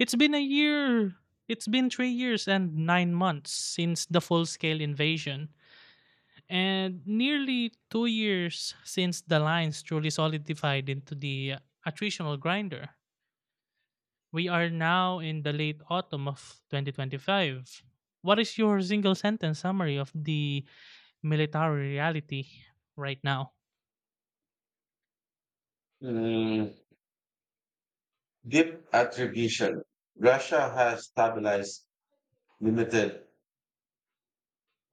It's been a year. It's been 3 years and 9 months since the full scale invasion, and nearly 2 years since the lines truly solidified into the attritional grinder. We are now in the late autumn of 2025. What is your single sentence summary of the military reality right now? Mm, deep attribution. Russia has stabilized limited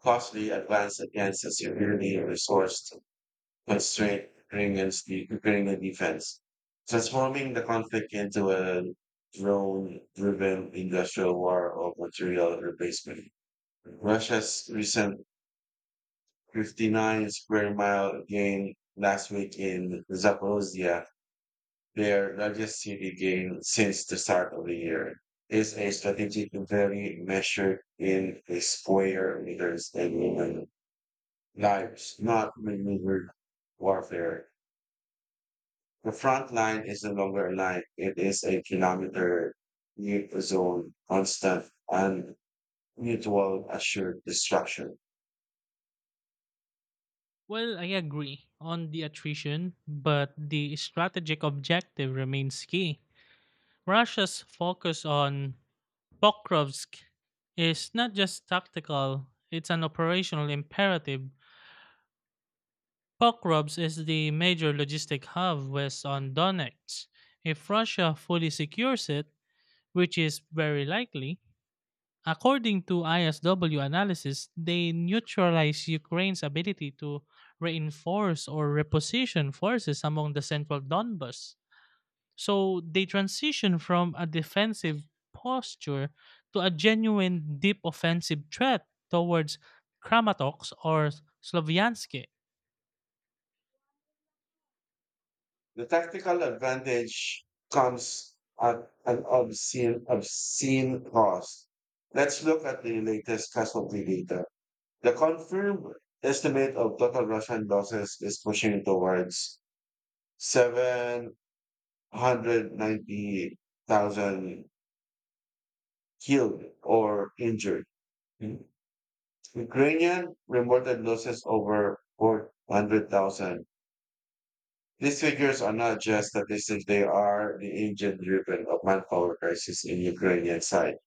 costly advance against a severely resourced constrained Ukrainian defense, transforming the conflict into a drone driven industrial war of material replacement. Russia's recent 59 square mile gain last week in Zaporozhye, their largest city gain since the start of the year, is a strategic value measured in the square meters and human lives, not maneuver warfare. The front line is no longer a line, it is a kilometer neutral zone, constant and mutual assured destruction. Well, I agree on the attrition, but the strategic objective remains key. Russia's focus on Pokrovsk is not just tactical, it's an operational imperative. Pokrovsk is the major logistic hub west on Donetsk. If Russia fully secures it, which is very likely, according to ISW analysis, they neutralize Ukraine's ability to reinforce or reposition forces among the central Donbas. So they transition from a defensive posture to a genuine deep offensive threat towards Kramatorsk or Sloviansk. The tactical advantage comes at an obscene cost. Let's look at the latest casualty data. The confirmed estimate of total Russian losses is pushing towards 790,000 killed or injured. Mm. Ukrainian reported losses over 400,000. These figures are not just statistics, they are the engine driven of manpower crisis in Ukrainian side,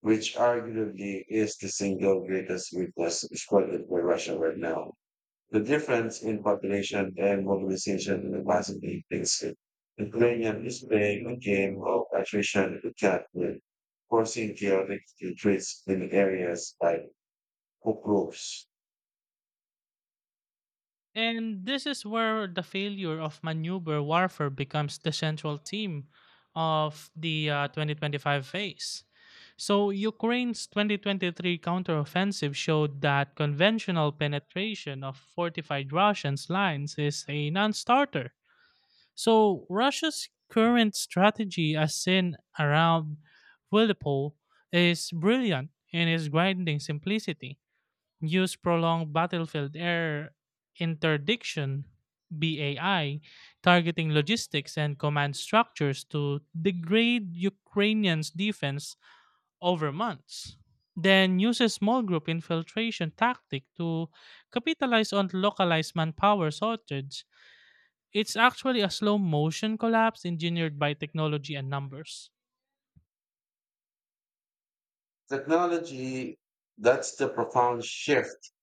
which arguably is the single greatest weakness exploited by Russia right now. The difference in population and mobilization will massively makes it. Ukrainian is playing a game of attrition to cat with, forcing chaotic retreats in areas like Pokrovsk. And this is where the failure of maneuver warfare becomes the central theme of the 2025 phase. So Ukraine's 2023 counteroffensive showed that conventional penetration of fortified Russian lines is a non-starter. So Russia's current strategy, as seen around Velipol, is brilliant in its grinding simplicity. Use prolonged battlefield air interdiction (BAI), targeting logistics and command structures to degrade Ukrainians' defense over months. Then use a small group infiltration tactic to capitalize on localized manpower shortage. It's actually a slow motion collapse engineered by technology and numbers. Technology, that's the profound shift.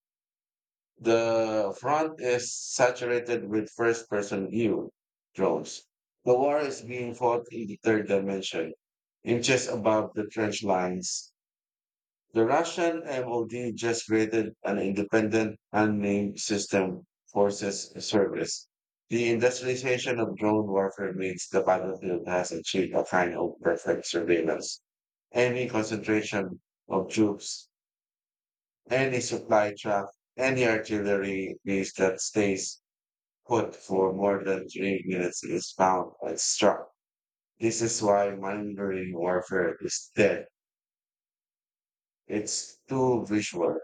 The front is saturated with first person view drones. The war is being fought in the third dimension, inches above the trench lines. The Russian MOD just created an independent unnamed system forces service. The industrialization of drone warfare means the battlefield has achieved a kind of perfect surveillance. Any concentration of troops, any supply truck, any artillery piece that stays put for more than 3 minutes is found and struck. This is why maneuvering warfare is dead. It's too visual.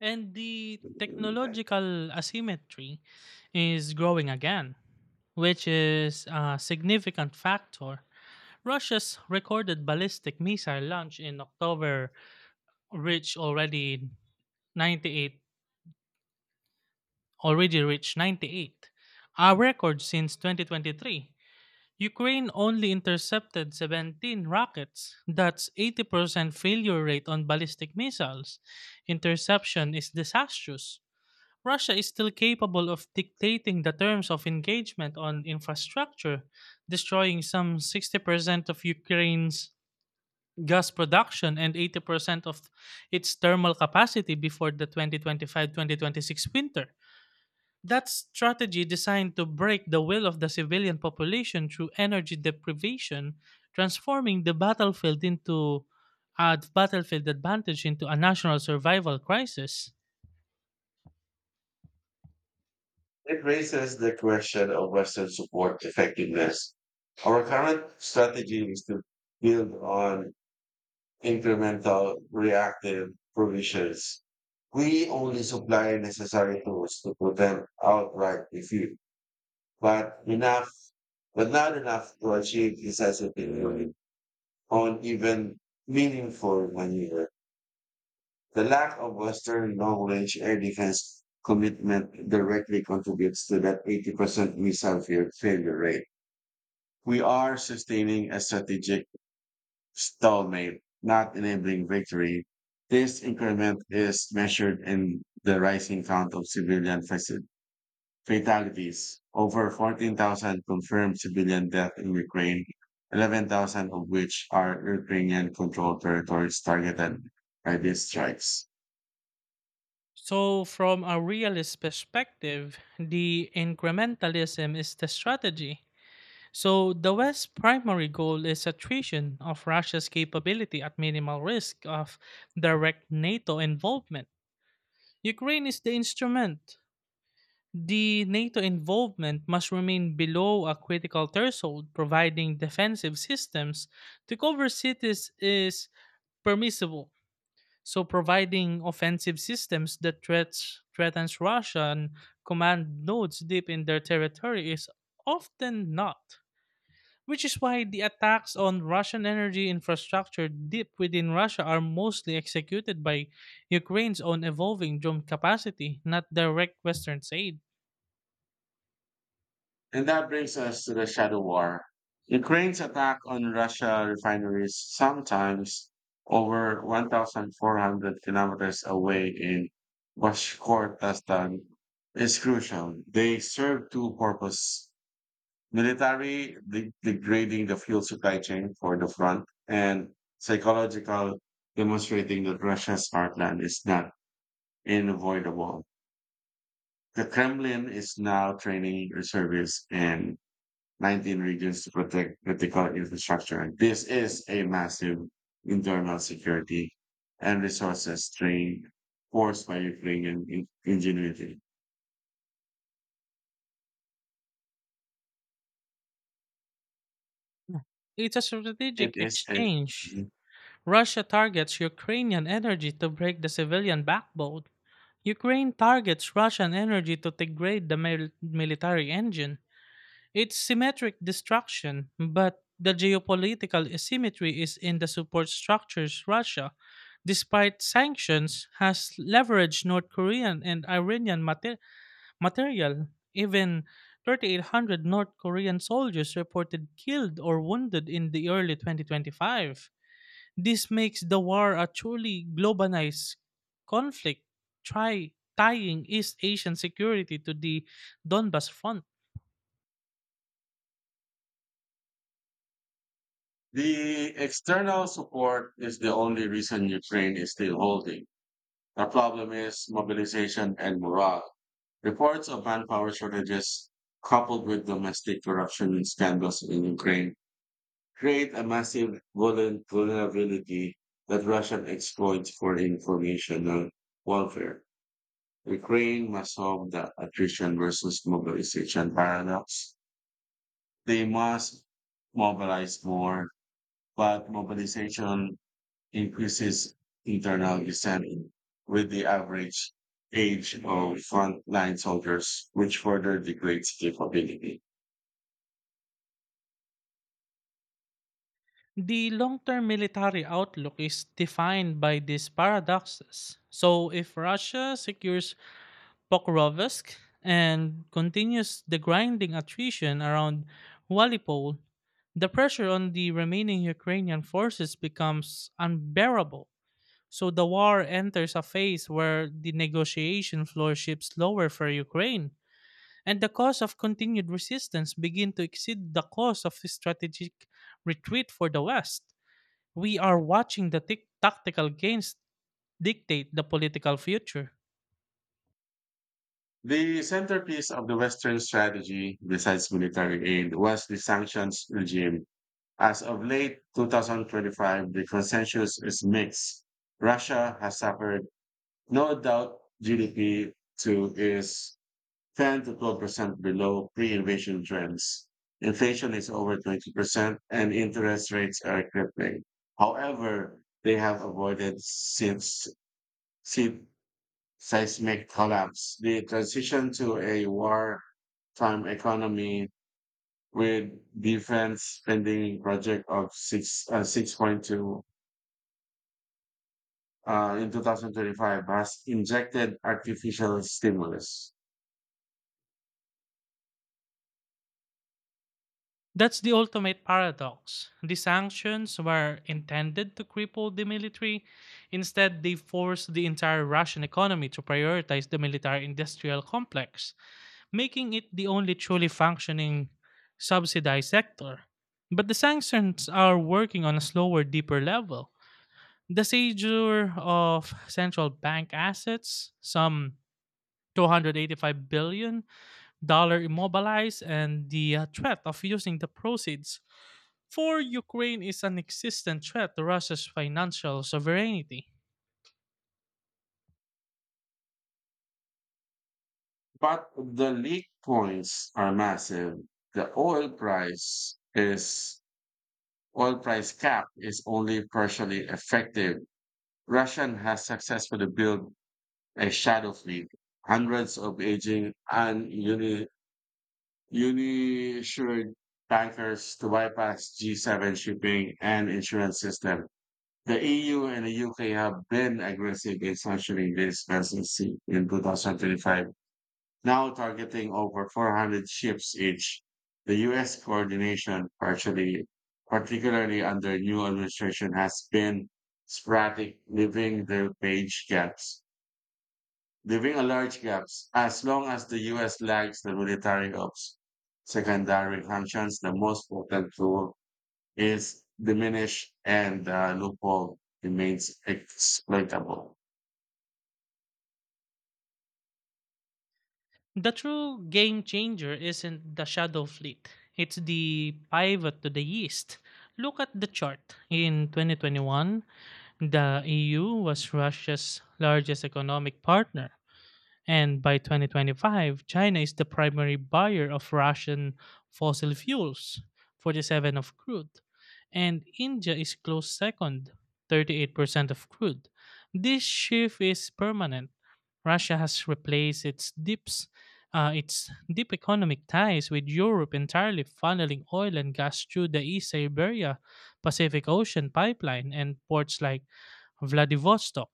And the technological asymmetry is growing again, which is a significant factor. Russia's recorded ballistic missile launch in October reached already 98 already reached 98, a record since 2023. Ukraine only intercepted 17 rockets. That's 80% failure rate on ballistic missiles. Interception is disastrous. Russia is still capable of dictating the terms of engagement on infrastructure, destroying some 60% of Ukraine's gas production and 80% of its thermal capacity before the 2025 2026 winter. That strategy designed to break the will of the civilian population through energy deprivation, transforming the battlefield into a battlefield advantage into a national survival crisis. It raises the question of Western support effectiveness. Our current strategy is to build on incremental reactive provisions. We only supply necessary tools to prevent outright defeat, but enough, but not enough to achieve decisive victory on even meaningful maneuver. The lack of Western long-range air defense commitment directly contributes to that 80% missile failure rate. We are sustaining a strategic stalemate, not enabling victory. This increment is measured in the rising count of civilian fatalities. Over 14,000 confirmed civilian deaths in Ukraine, 11,000 of which are Ukrainian controlled territories targeted by these strikes. So, from a realist perspective, the incrementalism is the strategy. So the West's primary goal is attrition of Russia's capability at minimal risk of direct NATO involvement. Ukraine is the instrument. The NATO involvement must remain below a critical threshold, providing defensive systems to cover cities is permissible. So providing offensive systems that threatens Russian command nodes deep in their territory is often not, which is why the attacks on Russian energy infrastructure deep within Russia are mostly executed by Ukraine's own evolving drone capacity, not direct Western aid. And that brings us to the shadow war. Ukraine's attack on Russia refineries, sometimes over 1,400 kilometers away in Bashkortostan, is crucial. They serve two purposes: military, degrading the fuel supply chain for the front, and psychological, demonstrating that Russia's heartland is not unavoidable. The Kremlin is now training reservists and 19 regions to protect critical infrastructure. This is a massive internal security and resources strain forced by Ukrainian ingenuity. It's a It strategic is a exchange. Russia targets Ukrainian energy to break the civilian backbone. Ukraine targets Russian energy to degrade the military engine. It's symmetric destruction, but the geopolitical asymmetry is in the support structures. Russia, despite sanctions, has leveraged North Korean and Iranian material. Even 3,800 North Korean soldiers reported killed or wounded in the early 2025. This makes the war a truly globalized conflict, try tying East Asian security to the Donbas front. the external support is the only reason Ukraine is still holding. The problem is mobilization and morale. Reports of manpower shortages coupled with domestic corruption and scandals in Ukraine create a massive vulnerability that Russian exploits for informational warfare. Ukraine must solve the attrition versus mobilization paradox. They must mobilize more, but mobilization increases internal dissent with the average age of frontline soldiers, which further degrades capability. The long term military outlook is defined by these paradoxes. So, if Russia secures Pokrovsk and continues the grinding attrition around Walipol, the pressure on the remaining Ukrainian forces becomes unbearable. So the war enters a phase where the negotiation floor shifts lower for Ukraine, and the cost of continued resistance begin to exceed the cost of strategic retreat for the West. We are watching the tactical gains dictate the political future. The centerpiece of the Western strategy, besides military aid, was the sanctions regime. As of late 2025, the consensus is mixed. Russia has suffered no doubt GDP to is 10 to 12% below pre-invasion trends. Inflation is over 20% and interest rates are crippling. However, they have avoided since seismic collapse. The transition to a wartime economy with defense spending project of 6.2 in 2025 has injected artificial stimulus. That's the ultimate paradox. The sanctions were intended to cripple the military. Instead, they forced the entire Russian economy to prioritize the military industrial complex, making it the only truly functioning subsidized sector. But the sanctions are working on a slower, deeper level. The seizure of central bank assets, some 285 billion, dollar immobilized and the threat of using the proceeds for Ukraine is an existent threat to Russia's financial sovereignty. But the leak points are massive. The oil price cap is only partially effective. Russian has successfully built a shadow fleet, hundreds of aging and uninsured tankers to bypass G7 shipping and insurance system. The EU and the UK have been aggressive in sanctioning this vessels in 2025, now targeting over 400 ships each. The US coordination, particularly under new administration, has been sporadic, leaving a large gaps as long as the US lags the military ops secondary functions, the most potent tool is diminished and the loophole remains exploitable. The true game changer isn't the Shadow Fleet, it's the pivot to the east. Look at the chart. In 2021, the EU was Russia's largest economic partner, and by 2025, China is the primary buyer of Russian fossil fuels, 47% of crude, and India is close second, 38% of crude. This shift is permanent. Russia has replaced its deep economic ties with Europe entirely funneling oil and gas through the East Siberia Pacific Ocean pipeline and ports like Vladivostok.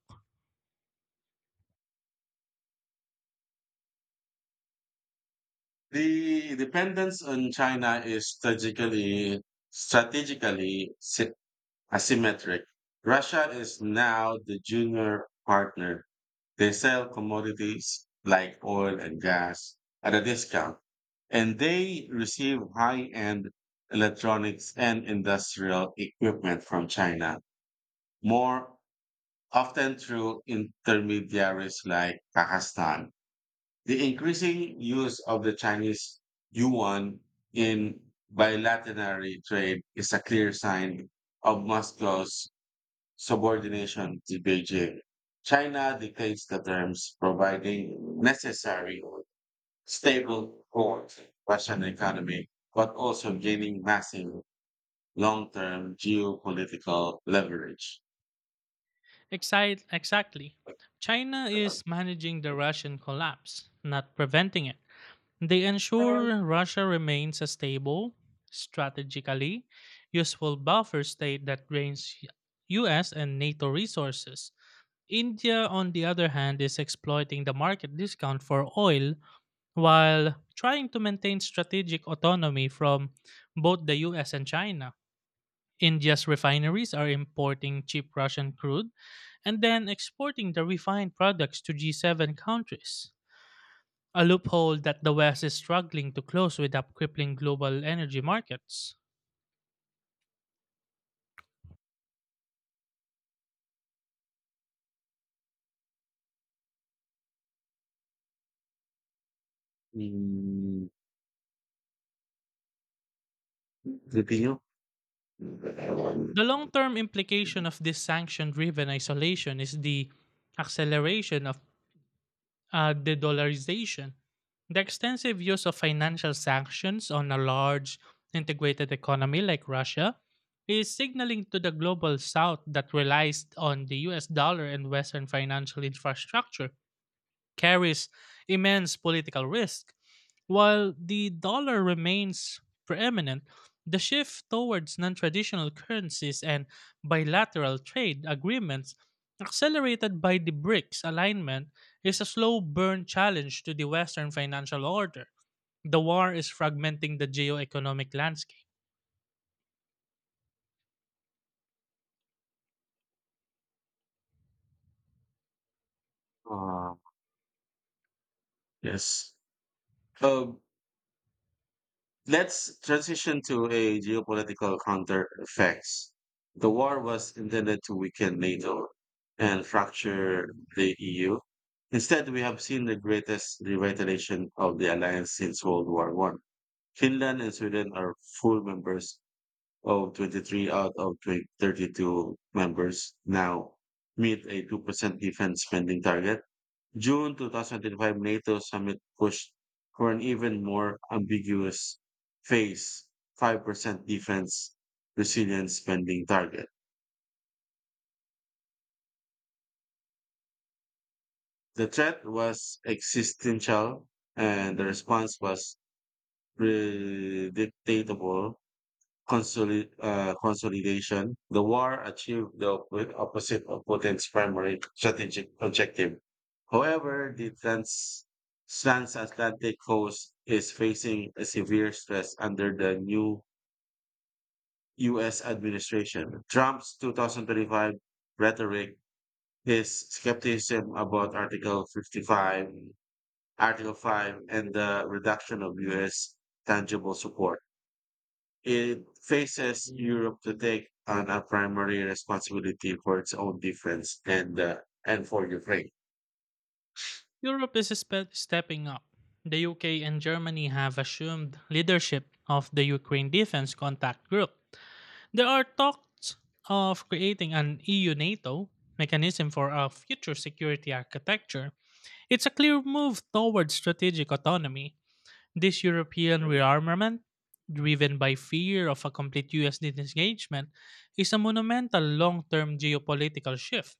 The dependence on China is strategically asymmetric. Russia is now the junior partner. They sell commodities like oil and gas at a discount, and they receive high end electronics and industrial equipment from China, more often through intermediaries like Kazakhstan. The increasing use of the Chinese yuan in bilateral trade is a clear sign of Moscow's subordination to Beijing. China dictates the terms, providing necessary stable core Russian economy, but also gaining massive long-term geopolitical leverage. Exactly. China is managing the Russian collapse, not preventing it. They ensure Russia remains a stable, strategically useful buffer state that drains US and NATO resources. India, on the other hand, is exploiting the market discount for oil while trying to maintain strategic autonomy from both the US and China. India's refineries are importing cheap Russian crude and then exporting the refined products to G7 countries, a loophole that the West is struggling to close without crippling global energy markets. Mm, continue? The long term implication of this sanction driven isolation is the acceleration of the dollarization. The extensive use of financial sanctions on a large integrated economy like Russia is signaling to the global south that relies on the US dollar and Western financial infrastructure carries immense political risk. While the dollar remains preeminent, the shift towards non traditional currencies and bilateral trade agreements, accelerated by the BRICS alignment, is a slow burn challenge to the Western financial order. The war is fragmenting the geo-economic landscape. Uh, yes. Um, let's transition to a geopolitical counter effects. The war was intended to weaken NATO and fracture the EU. Instead, we have seen the greatest revitalization of the alliance since World War One. Finland and Sweden are full members of 23 out of 20 32 members now meet a 2% defense spending target. June 2025 NATO summit pushed for an even more ambiguous phase 5% defense resilience spending target. The threat was existential and the response was predictable consolidation, the war achieved the opposite of Putin's primary strategic objective. However, the transatlantic coast is facing a severe stress under the new U.S. administration. Trump's 2025 rhetoric, his skepticism about Article 5, and the reduction of U.S. tangible support, it faces Europe to take on a primary responsibility for its own defense and for Ukraine. Europe is stepping up. The UK and Germany have assumed leadership of the Ukraine Defense Contact Group. There are talks of creating an EU NATO mechanism for a future security architecture. It's a clear move towards strategic autonomy. This European rearmament, driven by fear of a complete US disengagement, is a monumental long term geopolitical shift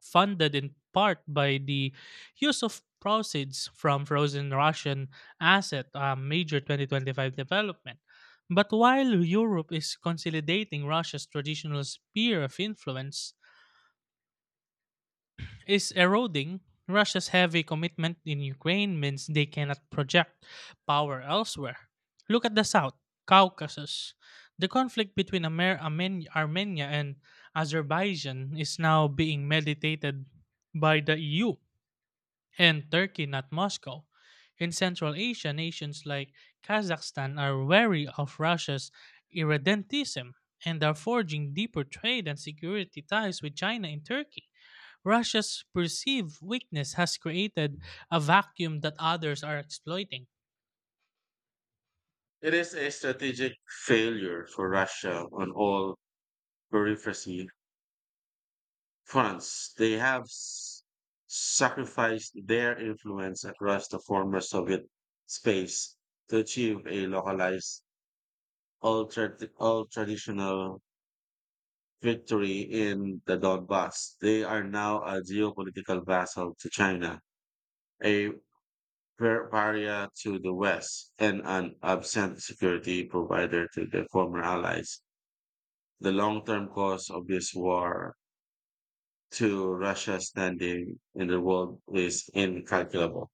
funded in part by the use of proceeds from frozen Russian asset, a major 2025 development. But while Europe is consolidating Russia's traditional sphere of influence, is eroding, Russia's heavy commitment in Ukraine means they cannot project power elsewhere. Look at the South Caucasus. The conflict between Armenia and Azerbaijan is now being meditated by the EU and Turkey, not Moscow. In Central Asia, nations like Kazakhstan are wary of Russia's irredentism and are forging deeper trade and security ties with China and Turkey. Russia's perceived weakness has created a vacuum that others are exploiting. It is a strategic failure for Russia on all periphery fronts. They sacrificed their influence across the former Soviet space to achieve a localized, all traditional victory in the Donbass. They are now a geopolitical vassal to China, a Bavaria to the west and an absent security provider to the former allies. The long-term cost of this war to Russia's standing in the world is incalculable.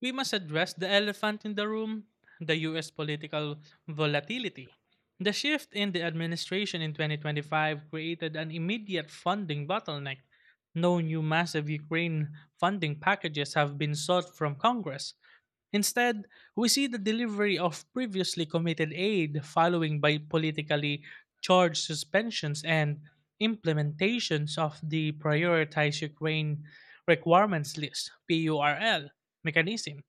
We must address the elephant in the room, the US political volatility. The shift in the administration in 2025 created an immediate funding bottleneck. No new massive Ukraine funding packages have been sought from Congress. Instead, we see the delivery of previously committed aid following by politically charged suspensions and implementations of the Prioritized Ukraine Requirements List, PURL mechanism,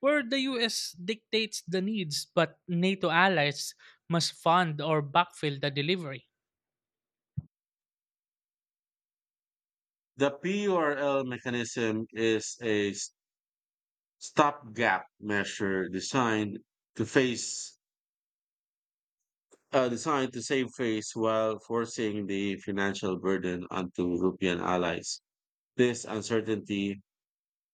where the US dictates the needs but NATO allies must fund or backfill the delivery. The PURL mechanism is a stopgap measure designed to face designed to save face while forcing the financial burden onto European allies. This uncertainty,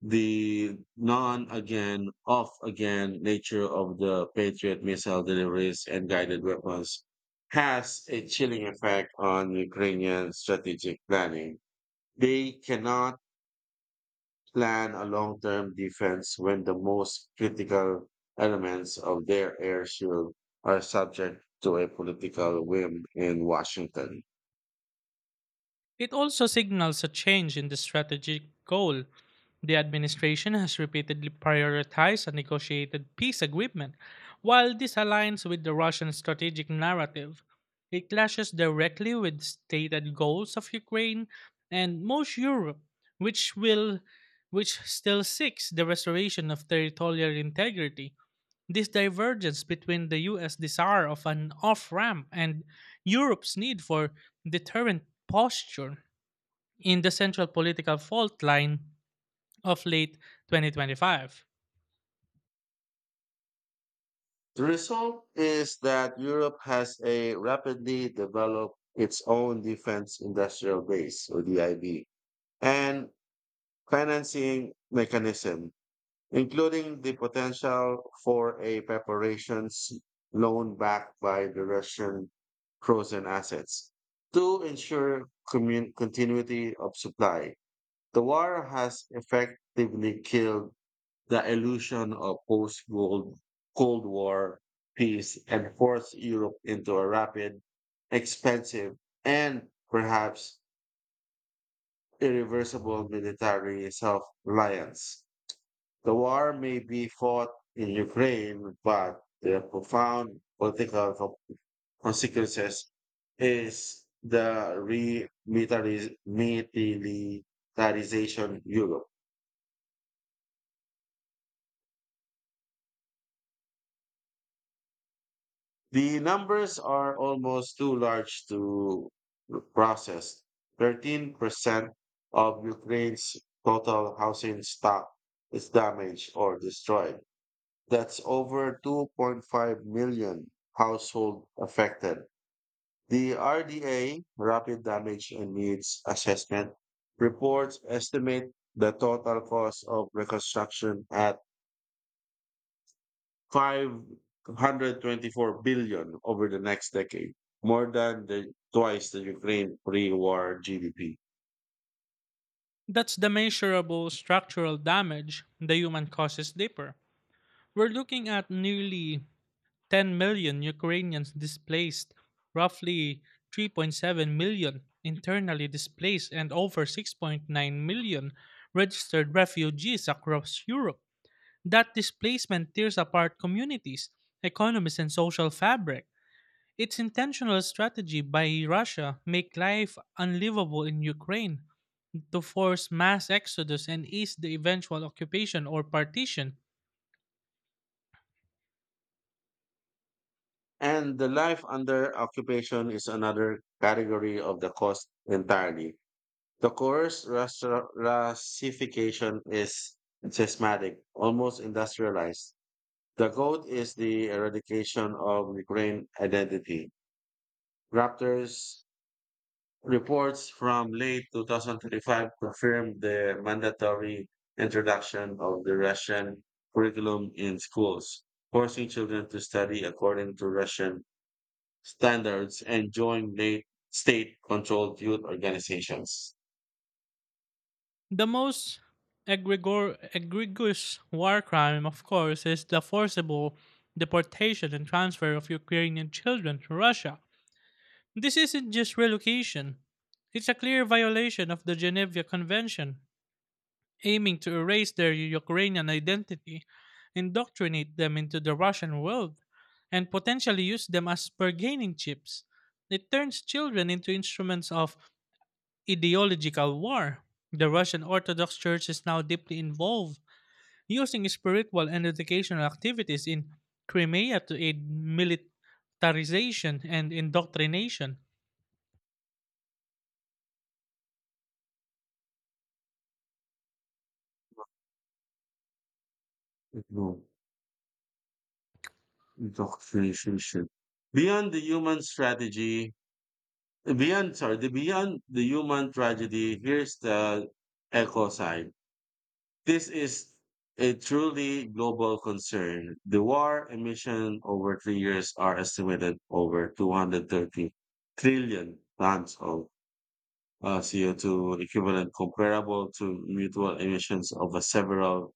the non again, off again nature of the Patriot missile deliveries and guided weapons has a chilling effect on Ukrainian strategic planning. They cannot plan a long term defense when the most critical elements of their air shield are subject to a political whim in Washington. It also signals a change in the strategic goal. The administration has repeatedly prioritized a negotiated peace agreement. While this aligns with the Russian strategic narrative, it clashes directly with stated goals of Ukraine and most Europe, which will which still seeks the restoration of territorial integrity. This divergence between the US desire of an off ramp and Europe's need for deterrent posture in the central political fault line of late 2025. The result is that Europe has a rapidly developed its own defense industrial base, or DIB, and financing mechanism, including the potential for a preparations loan backed by the Russian frozen assets to ensure continuity of supply. The war has effectively killed the illusion of post-Cold Cold War peace and forced Europe into a rapid, expensive, and perhaps irreversible military self-reliance. The war may be fought in Ukraine, but the profound political consequences is the remilitarization Europe. The numbers are almost too large to process. 13% of Ukraine's total housing stock is damaged or destroyed. That's over 2.5 million households affected. The RDA, Rapid Damage and Needs Assessment, reports estimate the total cost of reconstruction at 524 billion over the next decade, more than the twice the Ukraine pre-war GDP. That's the measurable structural damage the human causes deeper. We're looking at nearly 10 million Ukrainians displaced, roughly 3.7 million internally displaced, and over 6.9 million registered refugees across Europe. That displacement tears apart communities, economies, and social fabric. Its intentional strategy by Russia make life unlivable in Ukraine to force mass exodus and ease the eventual occupation or partition. And the life under occupation is another category of the cost entirely. The course racification is systematic, almost industrialized. The goal is the eradication of Ukraine identity. Raptors Reports from late 2025 confirmed the mandatory introduction of the Russian curriculum in schools, forcing children to study according to Russian standards and join late state-controlled youth organizations. The most egregious war crime, of course, is the forcible deportation and transfer of Ukrainian children to Russia. This isn't just relocation. It's a clear violation of the Geneva Convention aiming to erase their Ukrainian identity, indoctrinate them into the Russian world, and potentially use them as bargaining chips. It turns children into instruments of ideological war. The Russian Orthodox Church is now deeply involved, using spiritual and educational activities in Crimea to aid militarization and indoctrination. No, indoctrination. Beyond the human strategy, Beyond the human tragedy, here's the echo side. This is a truly global concern. The war emission over 3 years are estimated over 230 trillion tons of CO2 equivalent, comparable to mutual emissions of a several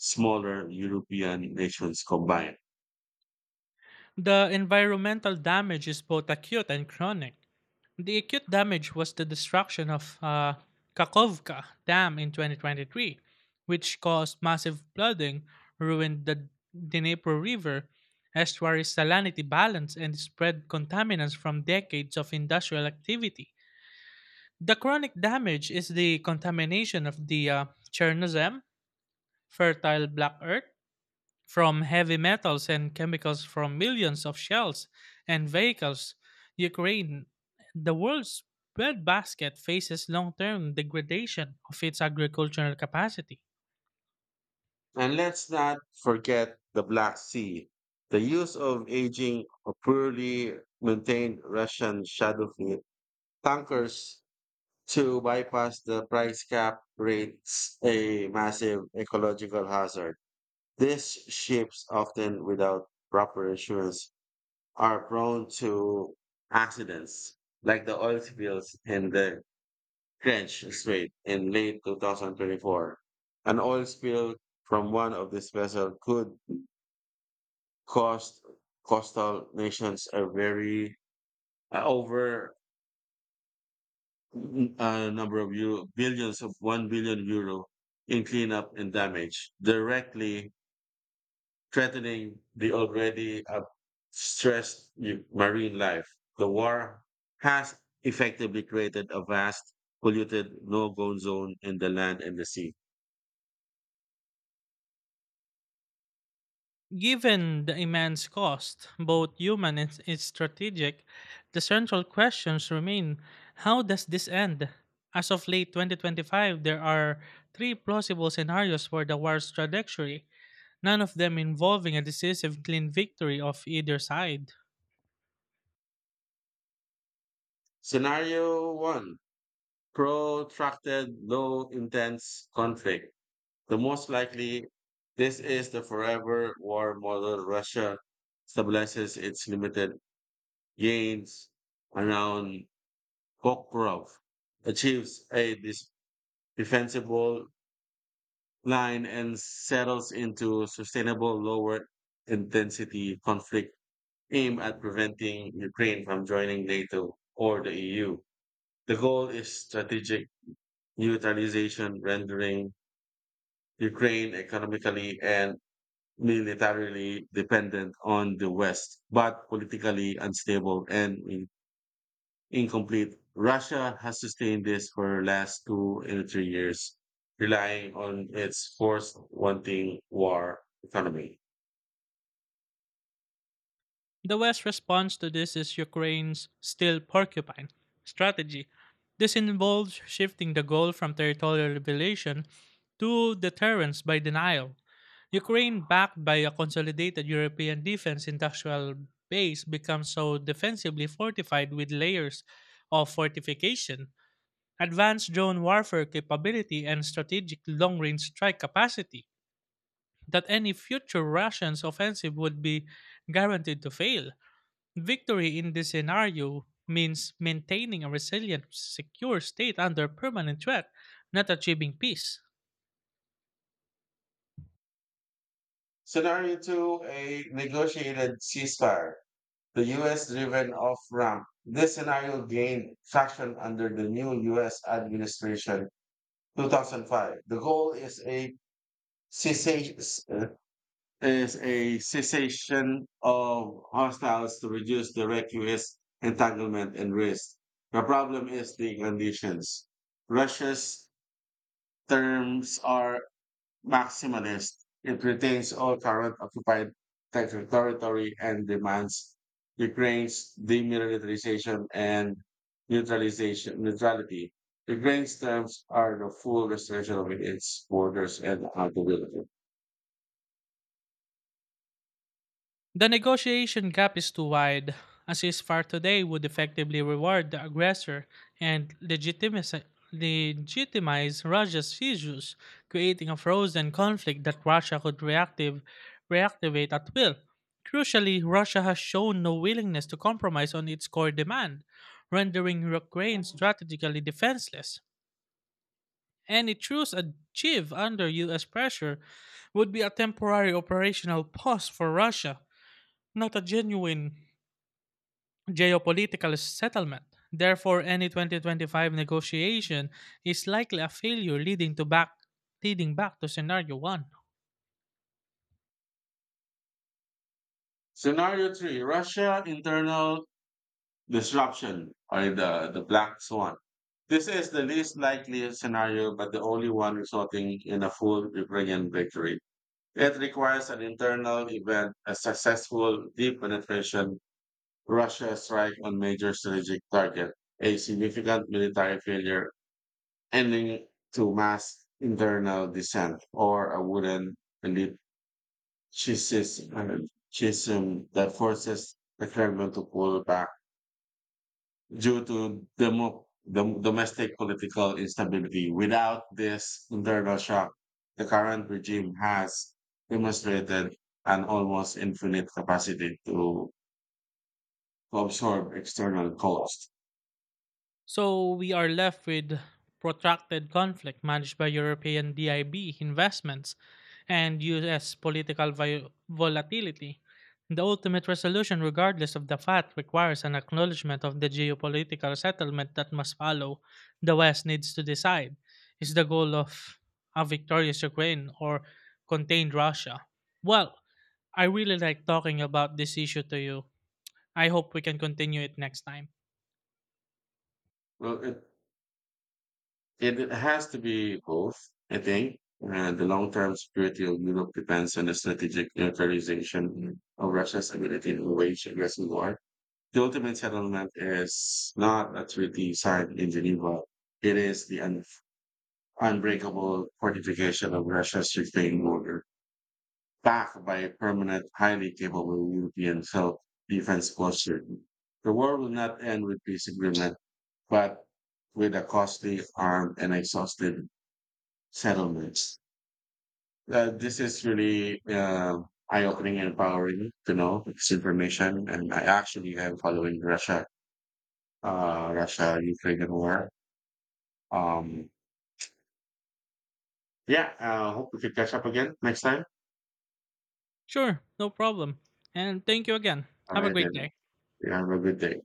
smaller European nations combined. The environmental damage is both acute and chronic. The acute damage was the destruction of Kakovka Dam in 2023, which caused massive flooding, ruined the Dnipro River estuary's salinity balance, and spread contaminants from decades of industrial activity. The chronic damage is the contamination of the Chernozem, fertile black earth, from heavy metals and chemicals from millions of shells and vehicles. Ukraine, the world's breadbasket, faces long term degradation of its agricultural capacity. And let's not forget the Black Sea. The use of aging, or poorly maintained Russian shadow fleet tankers to bypass the price cap creates a massive ecological hazard. These ships, often without proper insurance, are prone to accidents like the oil spills in the French Strait in late 2024. An oil spill from one of these vessels could cost coastal nations a very over n- number of euro, billions of 1 billion euro in cleanup and damage, directly threatening the already stressed marine life. The war has effectively created a vast, polluted no-go zone in the land and the sea. Given the immense cost, both human and strategic, the central questions remain: how does this end? As of late 2025, there are three plausible scenarios for the war's trajectory, none of them involving a decisive clean victory of either side. Scenario one, protracted, low intense conflict. The most likely, this is the forever war model. Russia stabilizes its limited gains around Kokrov, achieves a defensible line and settles into sustainable lower intensity conflict aimed at preventing Ukraine from joining NATO or the EU. The goal is strategic neutralization, rendering Ukraine economically and militarily dependent on the West, but politically unstable and incomplete. Russia has sustained this for last 2 and 3 years, relying on its force wanting war economy. The West's response to this is Ukraine's still porcupine strategy. This involves shifting the goal from territorial liberation to deterrence by denial. Ukraine, backed by a consolidated European defense industrial base, becomes so defensively fortified with layers of fortification advanced drone warfare capability, and strategic long range strike capacity, that any future Russian's offensive would be guaranteed to fail. Victory in this scenario means maintaining a resilient, secure state under permanent threat, not achieving peace. Scenario two, a negotiated ceasefire. The US driven off ramp. This scenario gained traction under the new US administration 2005. The goal cessation, is a cessation of hostiles to reduce direct U.S. entanglement and risk. The problem is the conditions. Russia's terms are maximalist. It retains all current occupied territory and demands Ukraine's demilitarization and neutralization neutrality. Ukraine's terms are the full restoration of its borders and accountability. The negotiation gap is too wide. A ceasefire today would effectively reward the aggressor and legitimize Russia's issues, creating a frozen conflict that Russia could reactivate at will. Crucially, Russia has shown no willingness to compromise on its core demand, rendering Ukraine strategically defenseless. Any truce achieved under US pressure would be a temporary operational pause for Russia, not a genuine geopolitical settlement. Therefore, any 2025 negotiation is likely a failure leading back to scenario 1. Scenario three, Russia internal disruption or the black swan. This is the least likely scenario, but the only one resulting in a full Ukrainian victory. It requires an internal event, a successful deep penetration, Russia strike on major strategic target, a significant military failure, ending to mass internal dissent, or a wooden elite schism, schism that forces the Kremlin to pull back due to domestic political instability. Without this internal shock, the current regime has demonstrated an almost infinite capacity to absorb external costs. So we are left with protracted conflict managed by European DIB investments and US political volatility. The ultimate resolution, regardless of the fact, requires an acknowledgement of the geopolitical settlement that must follow. The West needs to decide, is the goal of a victorious Ukraine or contained Russia? Well, I really like talking about this issue to you. I hope we can continue it next time. Well, it has to be both, I think. And the long-term security of Europe depends on the strategic neutralization of Russia's ability to wage aggressive war. The ultimate settlement is not a treaty signed in Geneva. It is the unbreakable fortification of Russia's Ukraine border, backed by a permanent, highly capable European self defense posture. The war will not end with peace agreement, but with a costly, armed, and exhausted settlements. This is really eye opening and empowering to know this information. And I actually am following Russia Ukrainian war. Um, yeah, hope we could catch up again next time. Sure, no problem. And thank you again. All Have a right, great then. day. You have a good day.